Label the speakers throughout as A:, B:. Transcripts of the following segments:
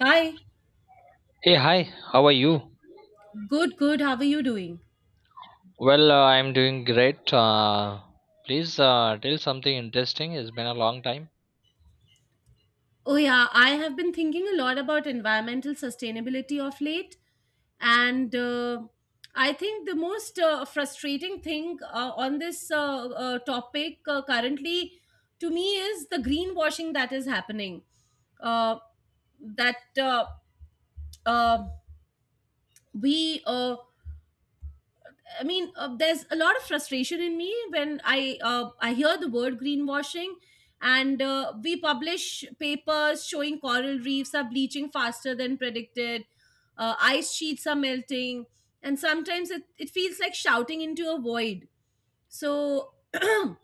A: Hi,
B: Hey, hi, how are you?
A: good, good. How are you doing?
B: I'm doing great. Please tell something interesting. It's been a long time.
A: Oh, yeah, I have been thinking a lot about environmental sustainability of late. And I think the most frustrating thing on this topic currently to me is the greenwashing that is happening. Uh, that uh, we I mean, There's a lot of frustration in me when I hear the word greenwashing, and we publish papers showing coral reefs are bleaching faster than predicted. Ice sheets are melting, and sometimes it feels like shouting into a void. So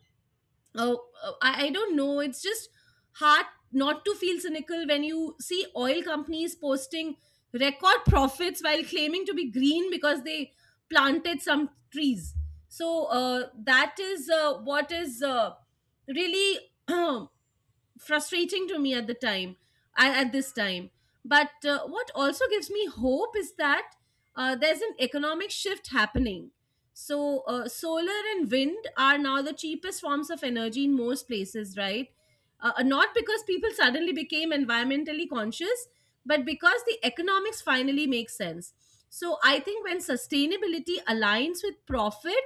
A: I don't know. It's just hard not to feel cynical when you see oil companies posting record profits while claiming to be green because they planted some trees. So that is what is really frustrating to me at at this time. But what also gives me hope is that there's an economic shift happening. So solar and wind are now the cheapest forms of energy in most places, right? Not because people suddenly became environmentally conscious, but because the economics finally makes sense. So I think when sustainability aligns with profit,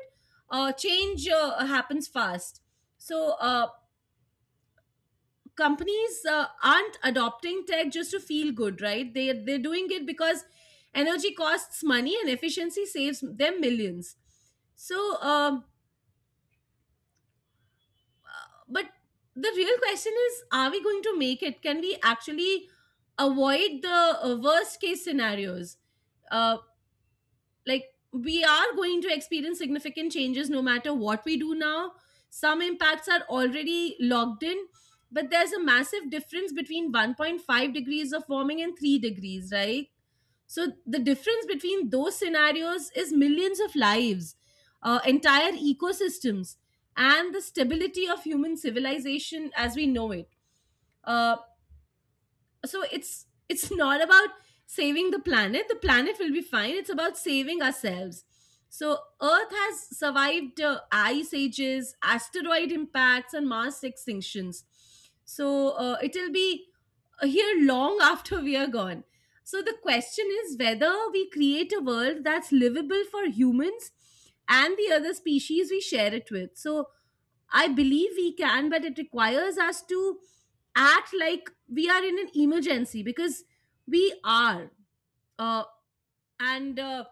A: change happens fast. So companies aren't adopting tech just to feel good, right? They're doing it because energy costs money and efficiency saves them millions. So um, but the real question is, are we going to make it? Can we actually avoid the worst case scenarios? Uh. Like, we are going to experience significant changes no matter what we do now. Some impacts are already logged in, but there's a massive difference between 1.5 degrees of warming and 3 degrees, right? So the difference between those scenarios is millions of lives, entire ecosystems, and the stability of human civilization as we know it. Uh, so it's not about saving the planet. The planet will be fine. It's about saving ourselves. So earth has survived ice ages, asteroid impacts, and mass extinctions. So it'll be here long after we are gone. So the question is whether we create a world that's livable for humans and the other species we share it with. So I believe we can, but it requires us to act like we are in an emergency, because we are. Uh, and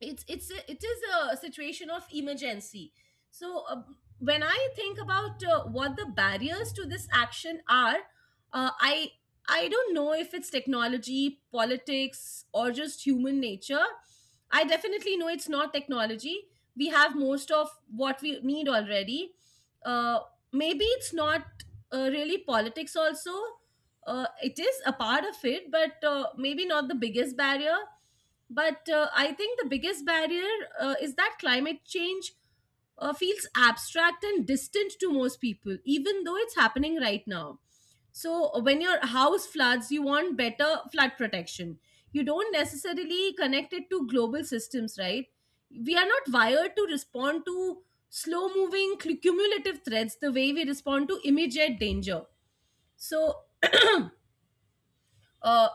A: it's a, it is a situation of emergency. So when I think about what the barriers to this action are, uh, i I don't know if it's technology, politics, or just human nature. I definitely know it's not technology. We have most of what we need already. uh, Maybe it's not really politics also. It is a part of it, but maybe not the biggest barrier. But I think the biggest barrier is that climate change feels abstract and distant to most people, even though it's happening right now. So, when your house floods, you want better flood protection. You don't necessarily connect it to global systems, right? We are not wired to respond to slow moving cumulative threats the way we respond to immediate danger. So, uh,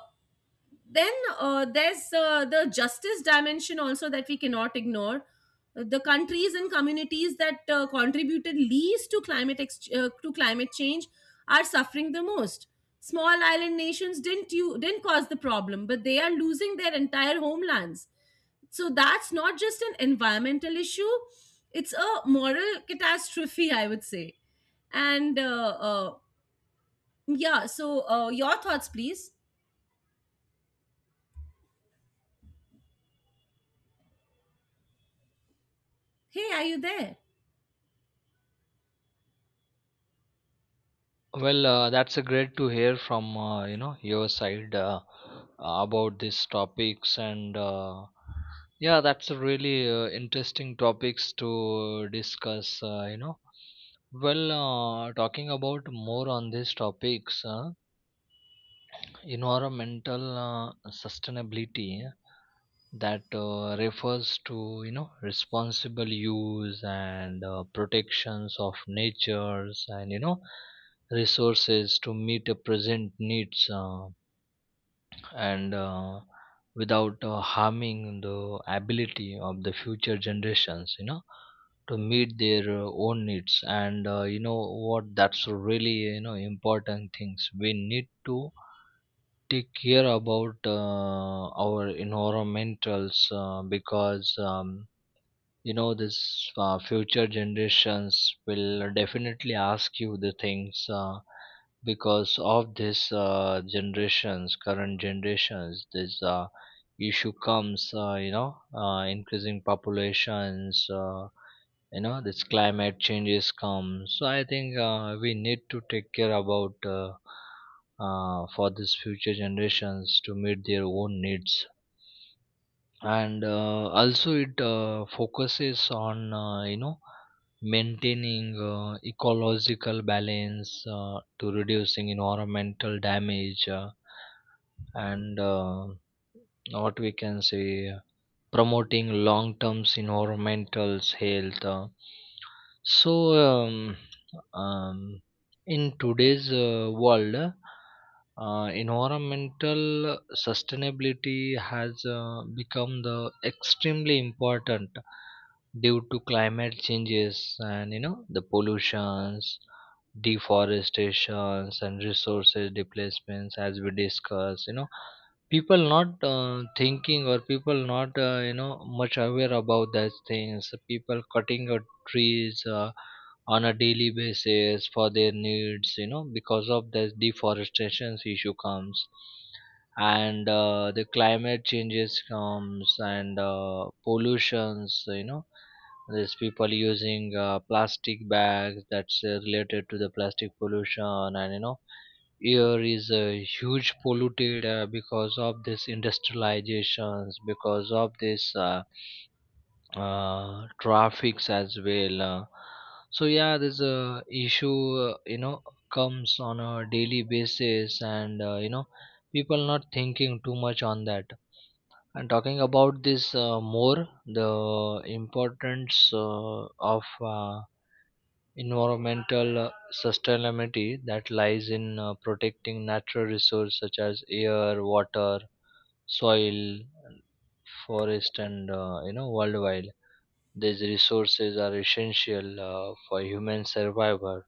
A: then there's the justice dimension also that we cannot ignore. The countries and communities that contributed least to climate ex- to climate change are suffering the most. Small island nations didn't, you didn't cause the problem, but they are losing their entire homelands. So that's not just an environmental issue, it's a moral catastrophe, I would say. And yeah so Your thoughts, please. Hey, are you there?
B: Well, that's a great to hear from your side about these topics and yeah, that's a really interesting topics to discuss. Talking about more on these topics, environmental sustainability that refers to responsible use and protections of natures and resources to meet the present needs and without harming the ability of the future generations to meet their own needs and you know what that's really important things we need to take care about our environmentals because you know this future generations will definitely ask you the things because of this generations current generations this issue comes increasing populations this climate changes come. So I think we need to take care about for these future generations to meet their own needs, and also it focuses on maintaining ecological balance to reducing environmental damage and what we can say, promoting long-term environmental health. So, um, um, in today's world, environmental sustainability has become the extremely important due to climate changes and the pollutions, deforestations, and resources displacements, as we discussed. You know, people not thinking, or people not, much aware about those things. People cutting out trees on a daily basis for their needs, you know, because of this deforestation issue comes, and the climate changes comes, and pollutions, you know. These people using plastic bags, that's related to the plastic pollution, and you know, air is huge polluted because of this industrializations, because of this traffics as well. So yeah, this a issue, comes on a daily basis, and people not thinking too much on that. And talking about this more, the importance of environmental sustainability that lies in protecting natural resources such as air, water, soil, forest, and worldwide. These resources are essential for human survival,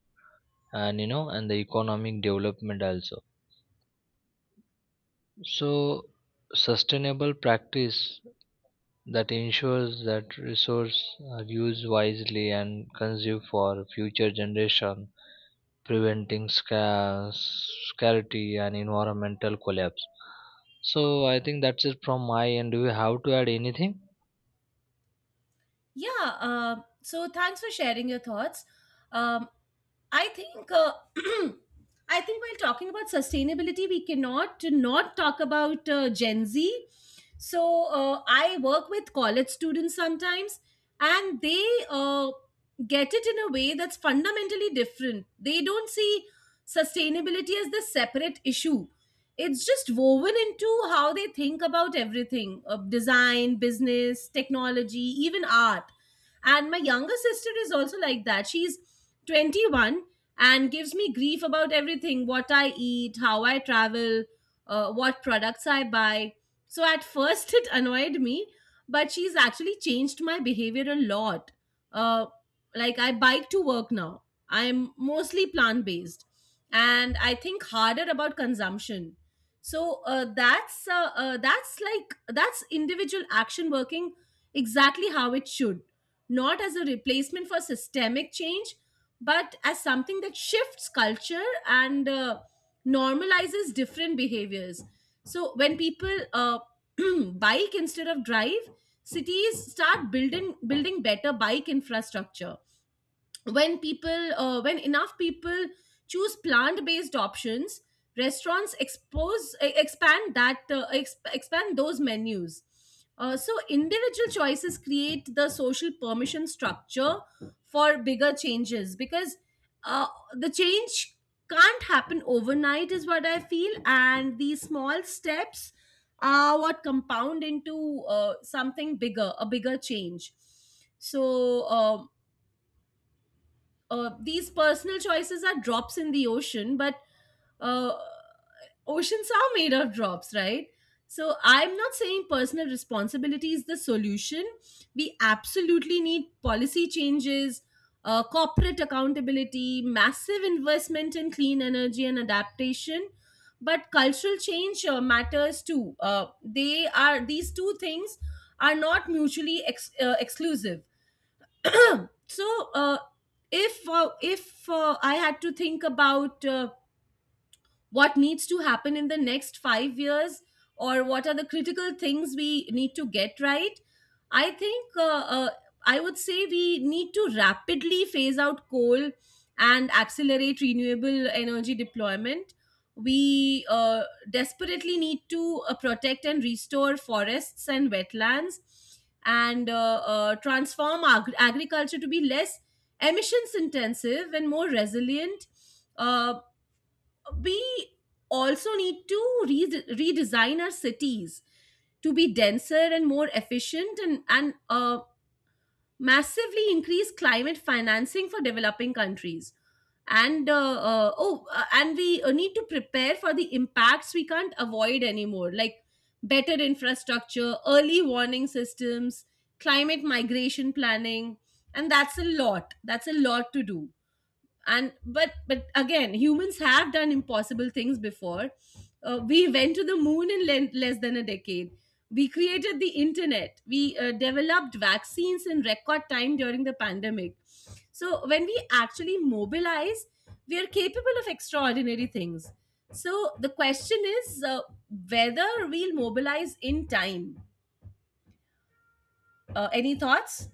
B: and and the economic development also. So sustainable practice that ensures that resources are used wisely and consumed for future generation, preventing scarcity and environmental collapse. So I think that's it from my end. Do you have to add anything?
A: Yeah. So thanks for sharing your thoughts. Um, I think I think while talking about sustainability, we cannot not talk about Gen Z. So I work with college students sometimes, and they get it in a way that's fundamentally different. They don't see sustainability as the separate issue. It's just woven into how they think about everything, design, business, technology, even art. And my younger sister is also like that. She's 21 and gives me grief about everything, what I eat, how I travel, what products I buy. So at first it annoyed me, but she's actually changed my behavior a lot. Uh, like, I bike to work now. I'm mostly plant based and I think harder about consumption. That's individual action working exactly how it should, not as a replacement for systemic change, but as something that shifts culture and normalizes different behaviors. So when people bike instead of drive, cities start building better bike infrastructure. When people uh, when enough people choose plant-based options, restaurants expand expand those menus. So individual choices create the social permission structure for bigger changes, because uh, the change can't happen overnight is what I feel, and these small steps are what compound into something bigger a bigger change. So these personal choices are drops in the ocean, but uh, oceans are made of drops, right? So I'm not saying personal responsibility is the solution. We absolutely need policy changes, corporate accountability, massive investment in clean energy and adaptation. But cultural change matters too. They are, these two things are not exclusive. So if I had to think about what needs to happen in the next 5 years, or what are the critical things we need to get right, i think uh, uh, I would say we need to rapidly phase out coal and accelerate renewable energy deployment. We desperately need to protect and restore forests and wetlands, and transform agriculture to be less emissions intensive and more resilient. Uh, we also need to redesign our cities to be denser and more efficient, and massively increase climate financing for developing countries. And we need to prepare for the impacts we can't avoid anymore, like better infrastructure, early warning systems, climate migration planning. And that's a lot to do. And but but again, humans have done impossible things before. We went to the moon in less than a decade. We created the internet. We developed vaccines in record time during the pandemic. So when we actually mobilize, we are capable of extraordinary things. So the question is, whether we'll mobilize in time. Any thoughts?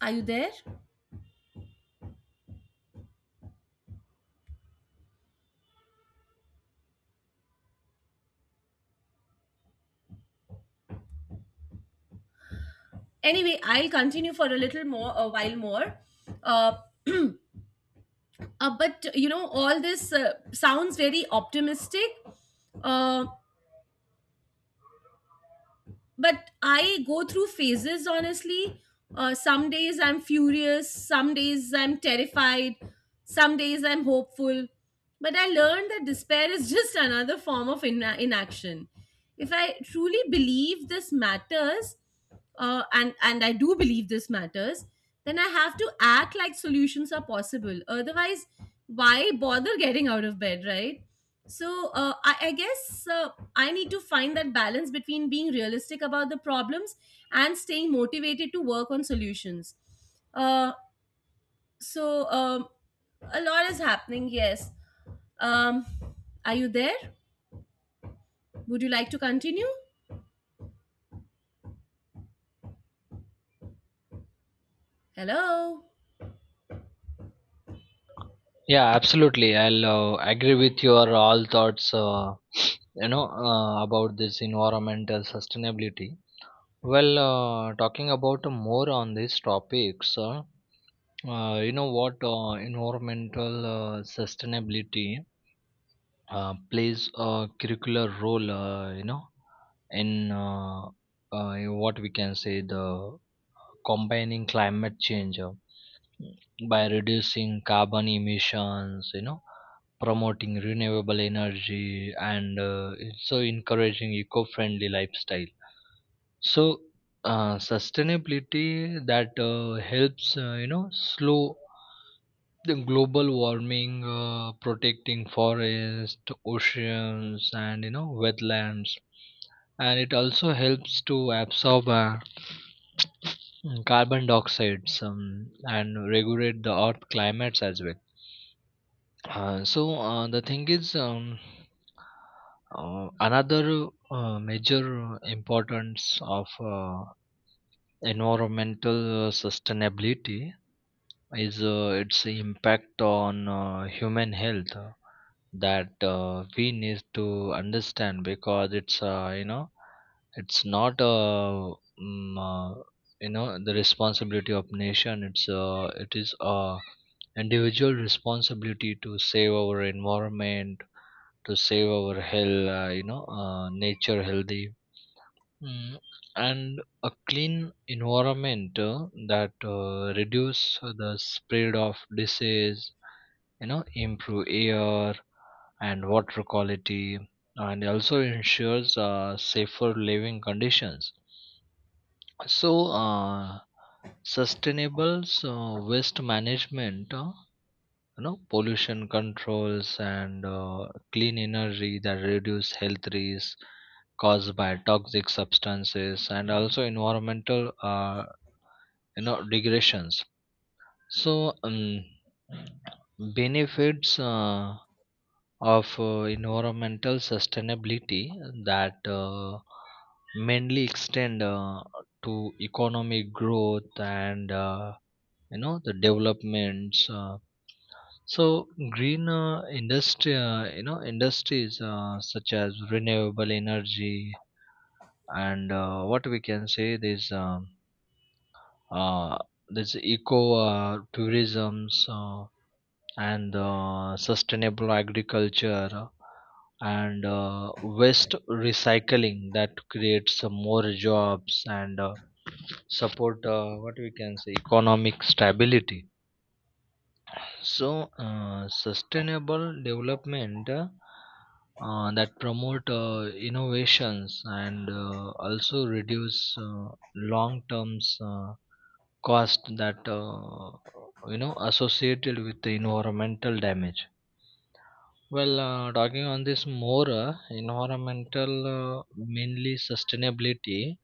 A: Are you there? Anyway, I'll continue for a while more. uh, but you know, all this sounds very optimistic, uh, but I go through phases honestly. Some days I'm furious, some days I'm terrified, some days I'm hopeful, but I learned that despair is just another form of inaction. If I truly believe this matters, and I do believe this matters, then I have to act like solutions are possible. Otherwise, why bother getting out of bed, right? So I guess I need to find that balance between being realistic about the problems and staying motivated to work on solutions. Uh, so a lot is happening, yes. Um, are you there? Would you like to continue? Hello?
B: Yeah, absolutely. I'll agree with your all thoughts. You know About this environmental sustainability. Well, talking about more on these topics. You know what Environmental sustainability plays a curricular role in uh, in what we can say, the combining climate change, by reducing carbon emissions, you know, promoting renewable energy, and so encouraging eco-friendly lifestyle. So sustainability that helps, you know, slow the global warming, protecting forest, oceans, and you know, wetlands. And it also helps to absorb carbon dioxide, and regulate the earth climates as well. So the thing is, another major importance of uh, environmental sustainability is its impact on human health, that we need to understand, because it's, it's not, mm, uh, the responsibility of nation, it's, it is individual responsibility to save our environment, to save our health, nature healthy. Mm, and a clean environment that reduce the spread of disease, you know, improve air and water quality, and also ensures safer living conditions. So sustainable, so waste management, pollution controls, and clean energy that reduce health risks caused by toxic substances, and also environmental, degradations. So benefits of environmental sustainability that mainly extend to economic growth and the developments. So green industries such as renewable energy, and what we can say, this, uh, this eco tourisms, and sustainable agriculture, and waste recycling, that creates more jobs and support what we can say, economic stability. So, sustainable development, that promote innovations, and also reduce long terms cost that associated with the environmental damage. Well, talking on this more, environmental mainly sustainability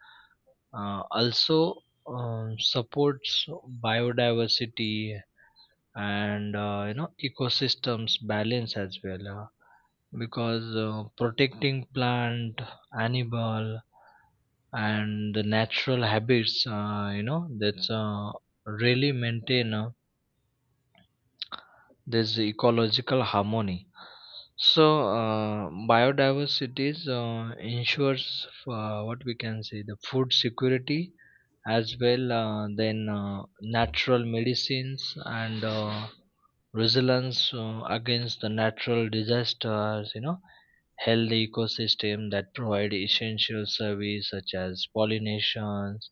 B: also supports biodiversity and ecosystems balance as well, because protecting plant, animal, and the natural habits, that's really maintain this ecological harmony. So biodiversity ensures what we can say, the food security as well, then natural medicines, and resilience against the natural disasters, you know, healthy ecosystem that provide essential service such as pollinations,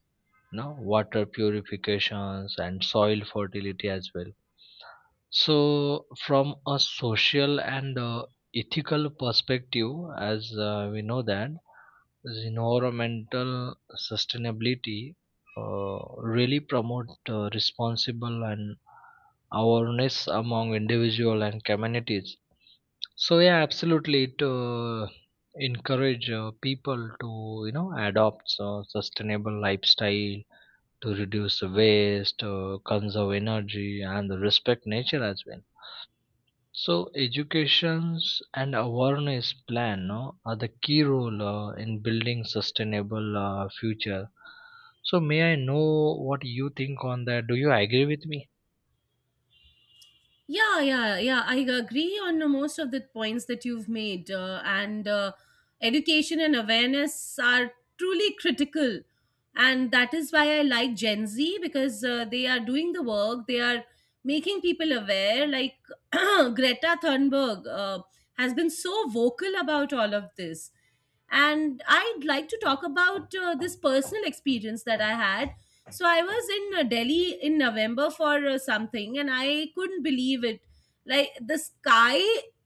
B: you know, water purifications, and soil fertility as well. So, from a social and ethical perspective, as we know that the environmental sustainability really promote responsible and awareness among individual and communities. So, yeah, absolutely, it encourage people to, you know, adopt sustainable lifestyle, to reduce waste, conserve energy, and respect nature as well. So educations and awareness plan, no, are the key role in building sustainable future. So may I know what you think on that? Do you agree with me?
A: Yeah, yeah, yeah. I agree on most of the points that you've made. And Education and awareness are truly critical. And that is why I like Gen Z, because they are doing the work, they are making people aware. Like Greta Thunberg has been so vocal about all of this. And I'd like to talk about this personal experience that I had. So I was in Delhi in November for something, and I couldn't believe it. Like, the sky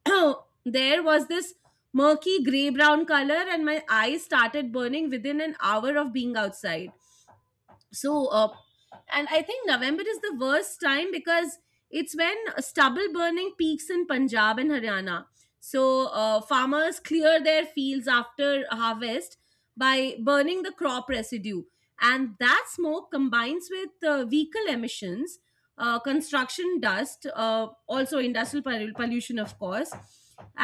A: there was this murky gray brown color, and my eyes started burning within an hour of being outside. So uh, and I think November is the worst time, because it's when stubble burning peaks in Punjab and Haryana. So farmers clear their fields after harvest by burning the crop residue, and that smoke combines with vehicle emissions, construction dust, also industrial pollution, of course.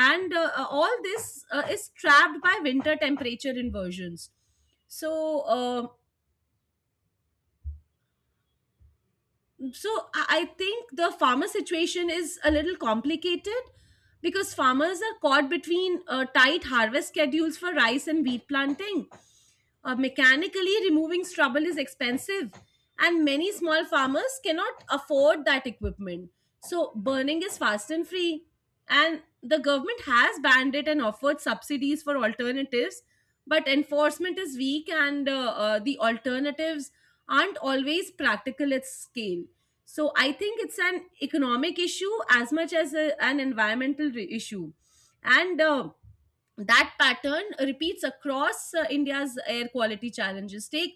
A: And all this is trapped by winter temperature inversions. So uh, so I think the farmer situation is a little complicated, because farmers are caught between tight harvest schedules for rice and wheat planting. Mechanically removing stubble is expensive, and many small farmers cannot afford that equipment. So burning is fast and free, and the government has banned it and offered subsidies for alternatives, but enforcement is weak, and the alternatives aren't always practical at scale. So I think it's an economic issue as much as an environmental issue. And That pattern repeats across India's air quality challenges. Take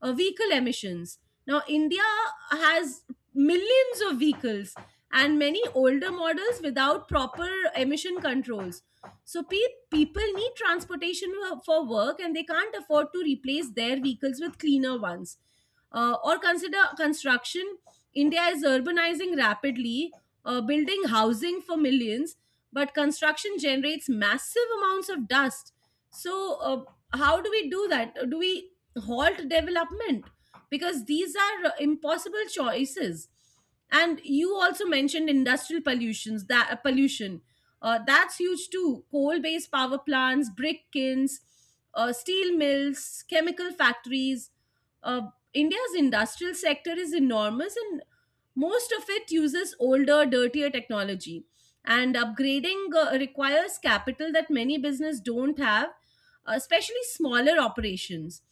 A: vehicle emissions. Now, India has millions of vehicles and many older models without proper emission controls. So, people need for work, and they can't afford to replace their vehicles with cleaner ones. Or consider construction. India is urbanizing rapidly, building housing for millions, but construction generates massive amounts of dust. So, uh, how do we do that? Do we halt development? Because these are impossible choices. And you also mentioned industrial pollutions, that pollution, that's huge too. Coal based power plants, brick kilns, steel mills, chemical factories. uh, India's industrial sector is enormous, and most of it uses older, dirtier technology. And upgrading requires capital that many business don't have, especially smaller operations.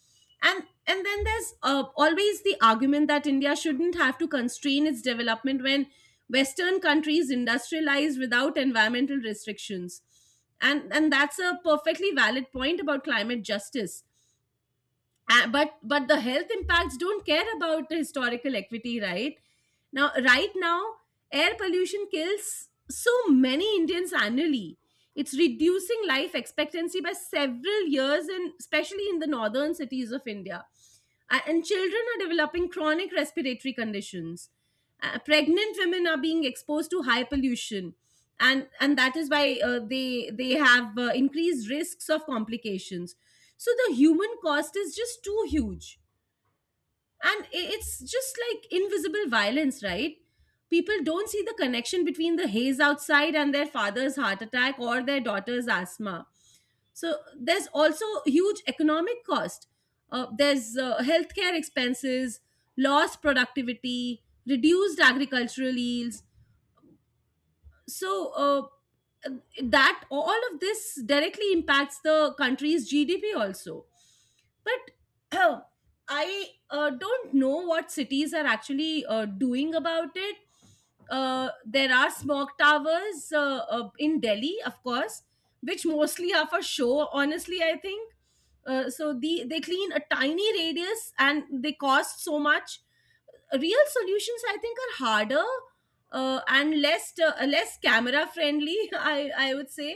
A: And then there's always the argument that India shouldn't have to constrain its development when western countries industrialize without environmental restrictions. And that's a perfectly valid point about climate justice. But the health impacts don't care about the historical equity, right? Now right now air pollution kills so many Indians annually. It's reducing life expectancy by several years, and especially in the northern cities of India. And children are developing chronic respiratory conditions. Pregnant women are being exposed to high pollution, and that is why they have increased risks of complications. So the human cost is just too huge. And it's just like invisible violence, right? People don't see the connection between the haze outside and their father's heart attack or their daughter's asthma. So there's also huge economic cost. There's healthcare expenses, lost productivity, reduced agricultural yields. So uh, that all of this directly impacts the country's GDP also. But I don't know what cities are actually doing about it. There are smog towers in Delhi, of course, which mostly are for show, honestly, I think. So they clean a tiny radius and they cost so much. Real solutions, I think, are harder and less less camera friendly, i I would say.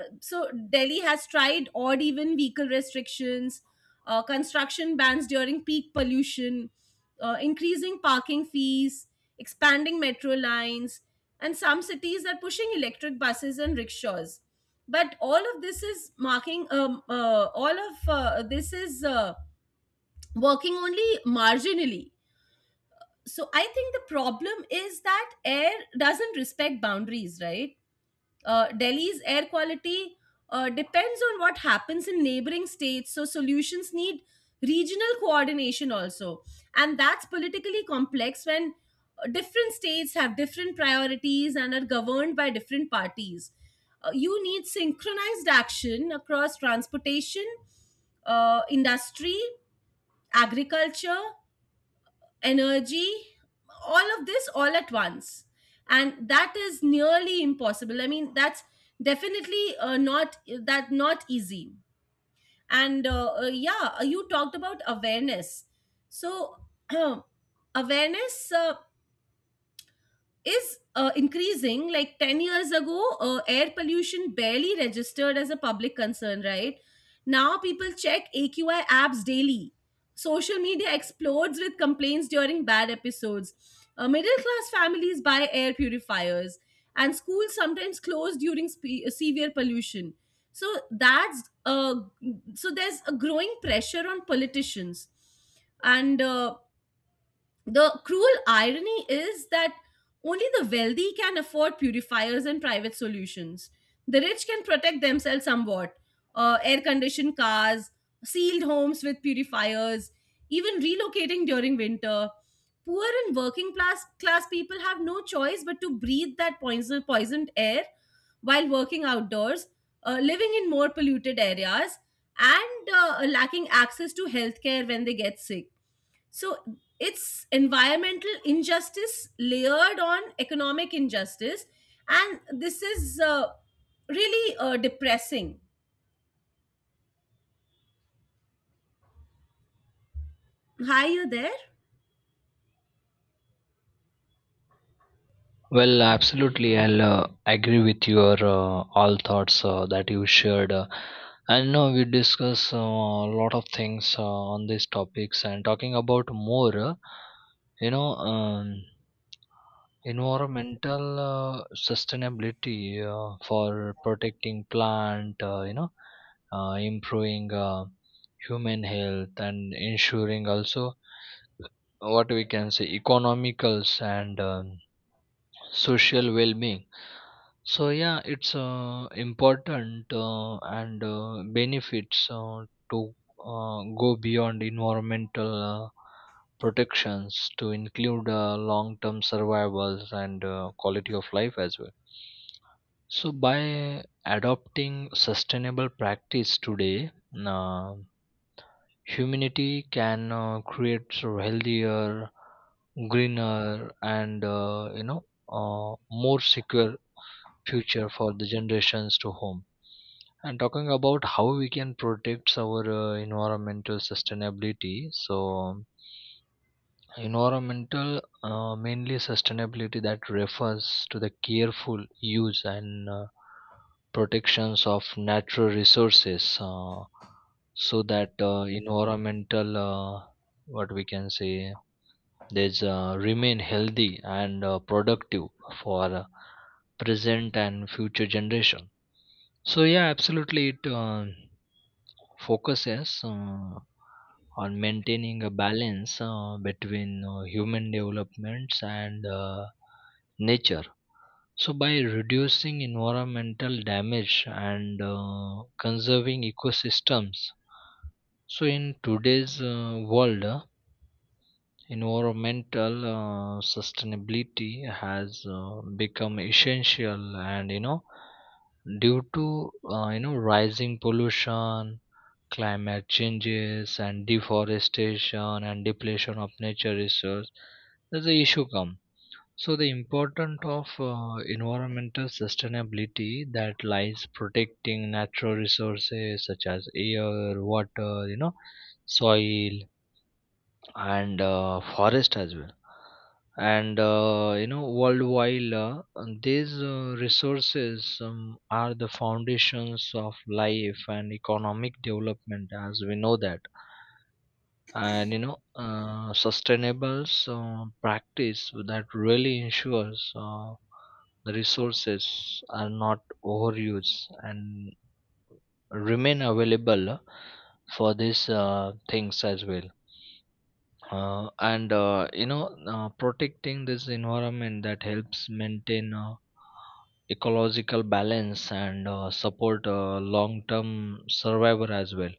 A: So Delhi has tried odd even vehicle restrictions, construction bans during peak pollution, increasing parking fees, expanding metro lines. And some cities are pushing electric buses and rickshaws, but all of this is marking all of this is working only marginally. So I think the problem is that air doesn't respect boundaries, right? Delhi's air quality depends on what happens in neighboring states, so solutions need regional coordination also. And that's politically complex when different states have different priorities and are governed by different parties. You need synchronized action across transportation, industry, agriculture, energy, all of this all at once. And that is nearly impossible. I mean, that's definitely not that, not easy. And yeah, you talked about awareness. So awareness is increasing. Like 10 years ago, air pollution barely registered as a public concern. Right now people check AQI apps daily, social media explodes with complaints during bad episodes. Middle class families buy air purifiers, and schools sometimes close during severe pollution. So that's so there's a growing pressure on politicians. And the cruel irony is that only the wealthy can afford purifiers and private solutions. The rich can protect themselves somewhat. Air conditioned cars, sealed homes with purifiers, even relocating during winter. Poor and working class, class people have no choice but to breathe that poison, poisoned air while working outdoors, living in more polluted areas, and lacking access to healthcare when they get sick. So it's environmental injustice layered on economic injustice. And this is really depressing. Hi, you there?
B: Well, absolutely. I'll agree with your all thoughts that you shared. I know we discuss a lot of things on these topics and talking about more. You know. Um, Environmental sustainability for protecting plant, improving human health and ensuring also what we can say, economicals and social well-being. So yeah, it's important, and benefits to go beyond environmental protections to include long-term survivals and quality of life as well. So by adopting sustainable practice today, uh, humanity can create so healthier, greener, and more secure future for the generations to home. And talking about how we can protect our environmental sustainability, so um, environmental, mainly sustainability that refers to the careful use and protections of natural resources, so that environmental, what we can say, there's, remain healthy and productive for present and future generation. So yeah, absolutely it. Focuses on maintaining a balance between human developments and nature. So, by reducing environmental damage and conserving ecosystems, so in today's world, environmental sustainability has become essential, and you know, due to, rising pollution, climate changes, and deforestation, and depletion of nature resource, there's the issue come. So the importance of environmental sustainability that lies protecting natural resources such as air, water, you know, soil, and forest as well, and worldwide. These resources are the foundations of life and economic development, as we know that. And sustainable practice that really ensures the resources are not overused and remain available for these things as well. And you know Protecting this environment that helps maintain ecological balance and support long term survival as well.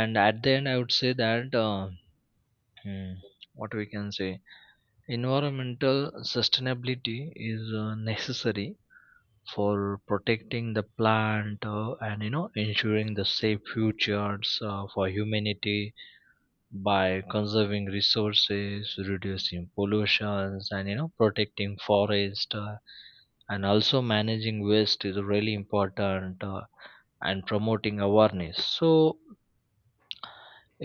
B: And at the end, I would say that, hmm, what we can say, environmental sustainability is necessary for protecting the plant, and ensuring the safe futures for humanity, by conserving resources, reducing pollutions, and you know, protecting forest, and also managing waste is really important, and promoting awareness. So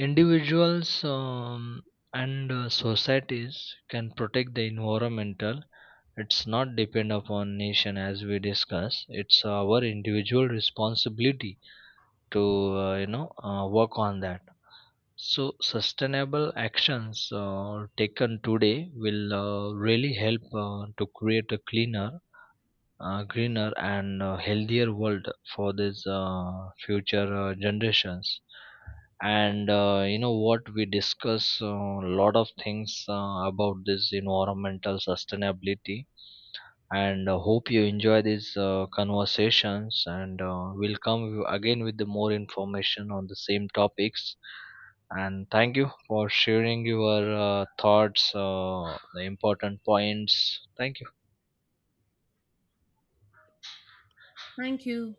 B: individuals, and societies can protect the environmental. It's not depend upon nation, as we discuss. It's our individual responsibility to, work on that. So, sustainable actions taken today will really help to create a cleaner, greener, and healthier world for these future generations. And you know what we discuss a lot of things about this environmental sustainability, and hope you enjoy these conversations, and we'll come again with the more information on the same topics. And thank you for sharing your thoughts, the important points. Thank you.
A: Thank you.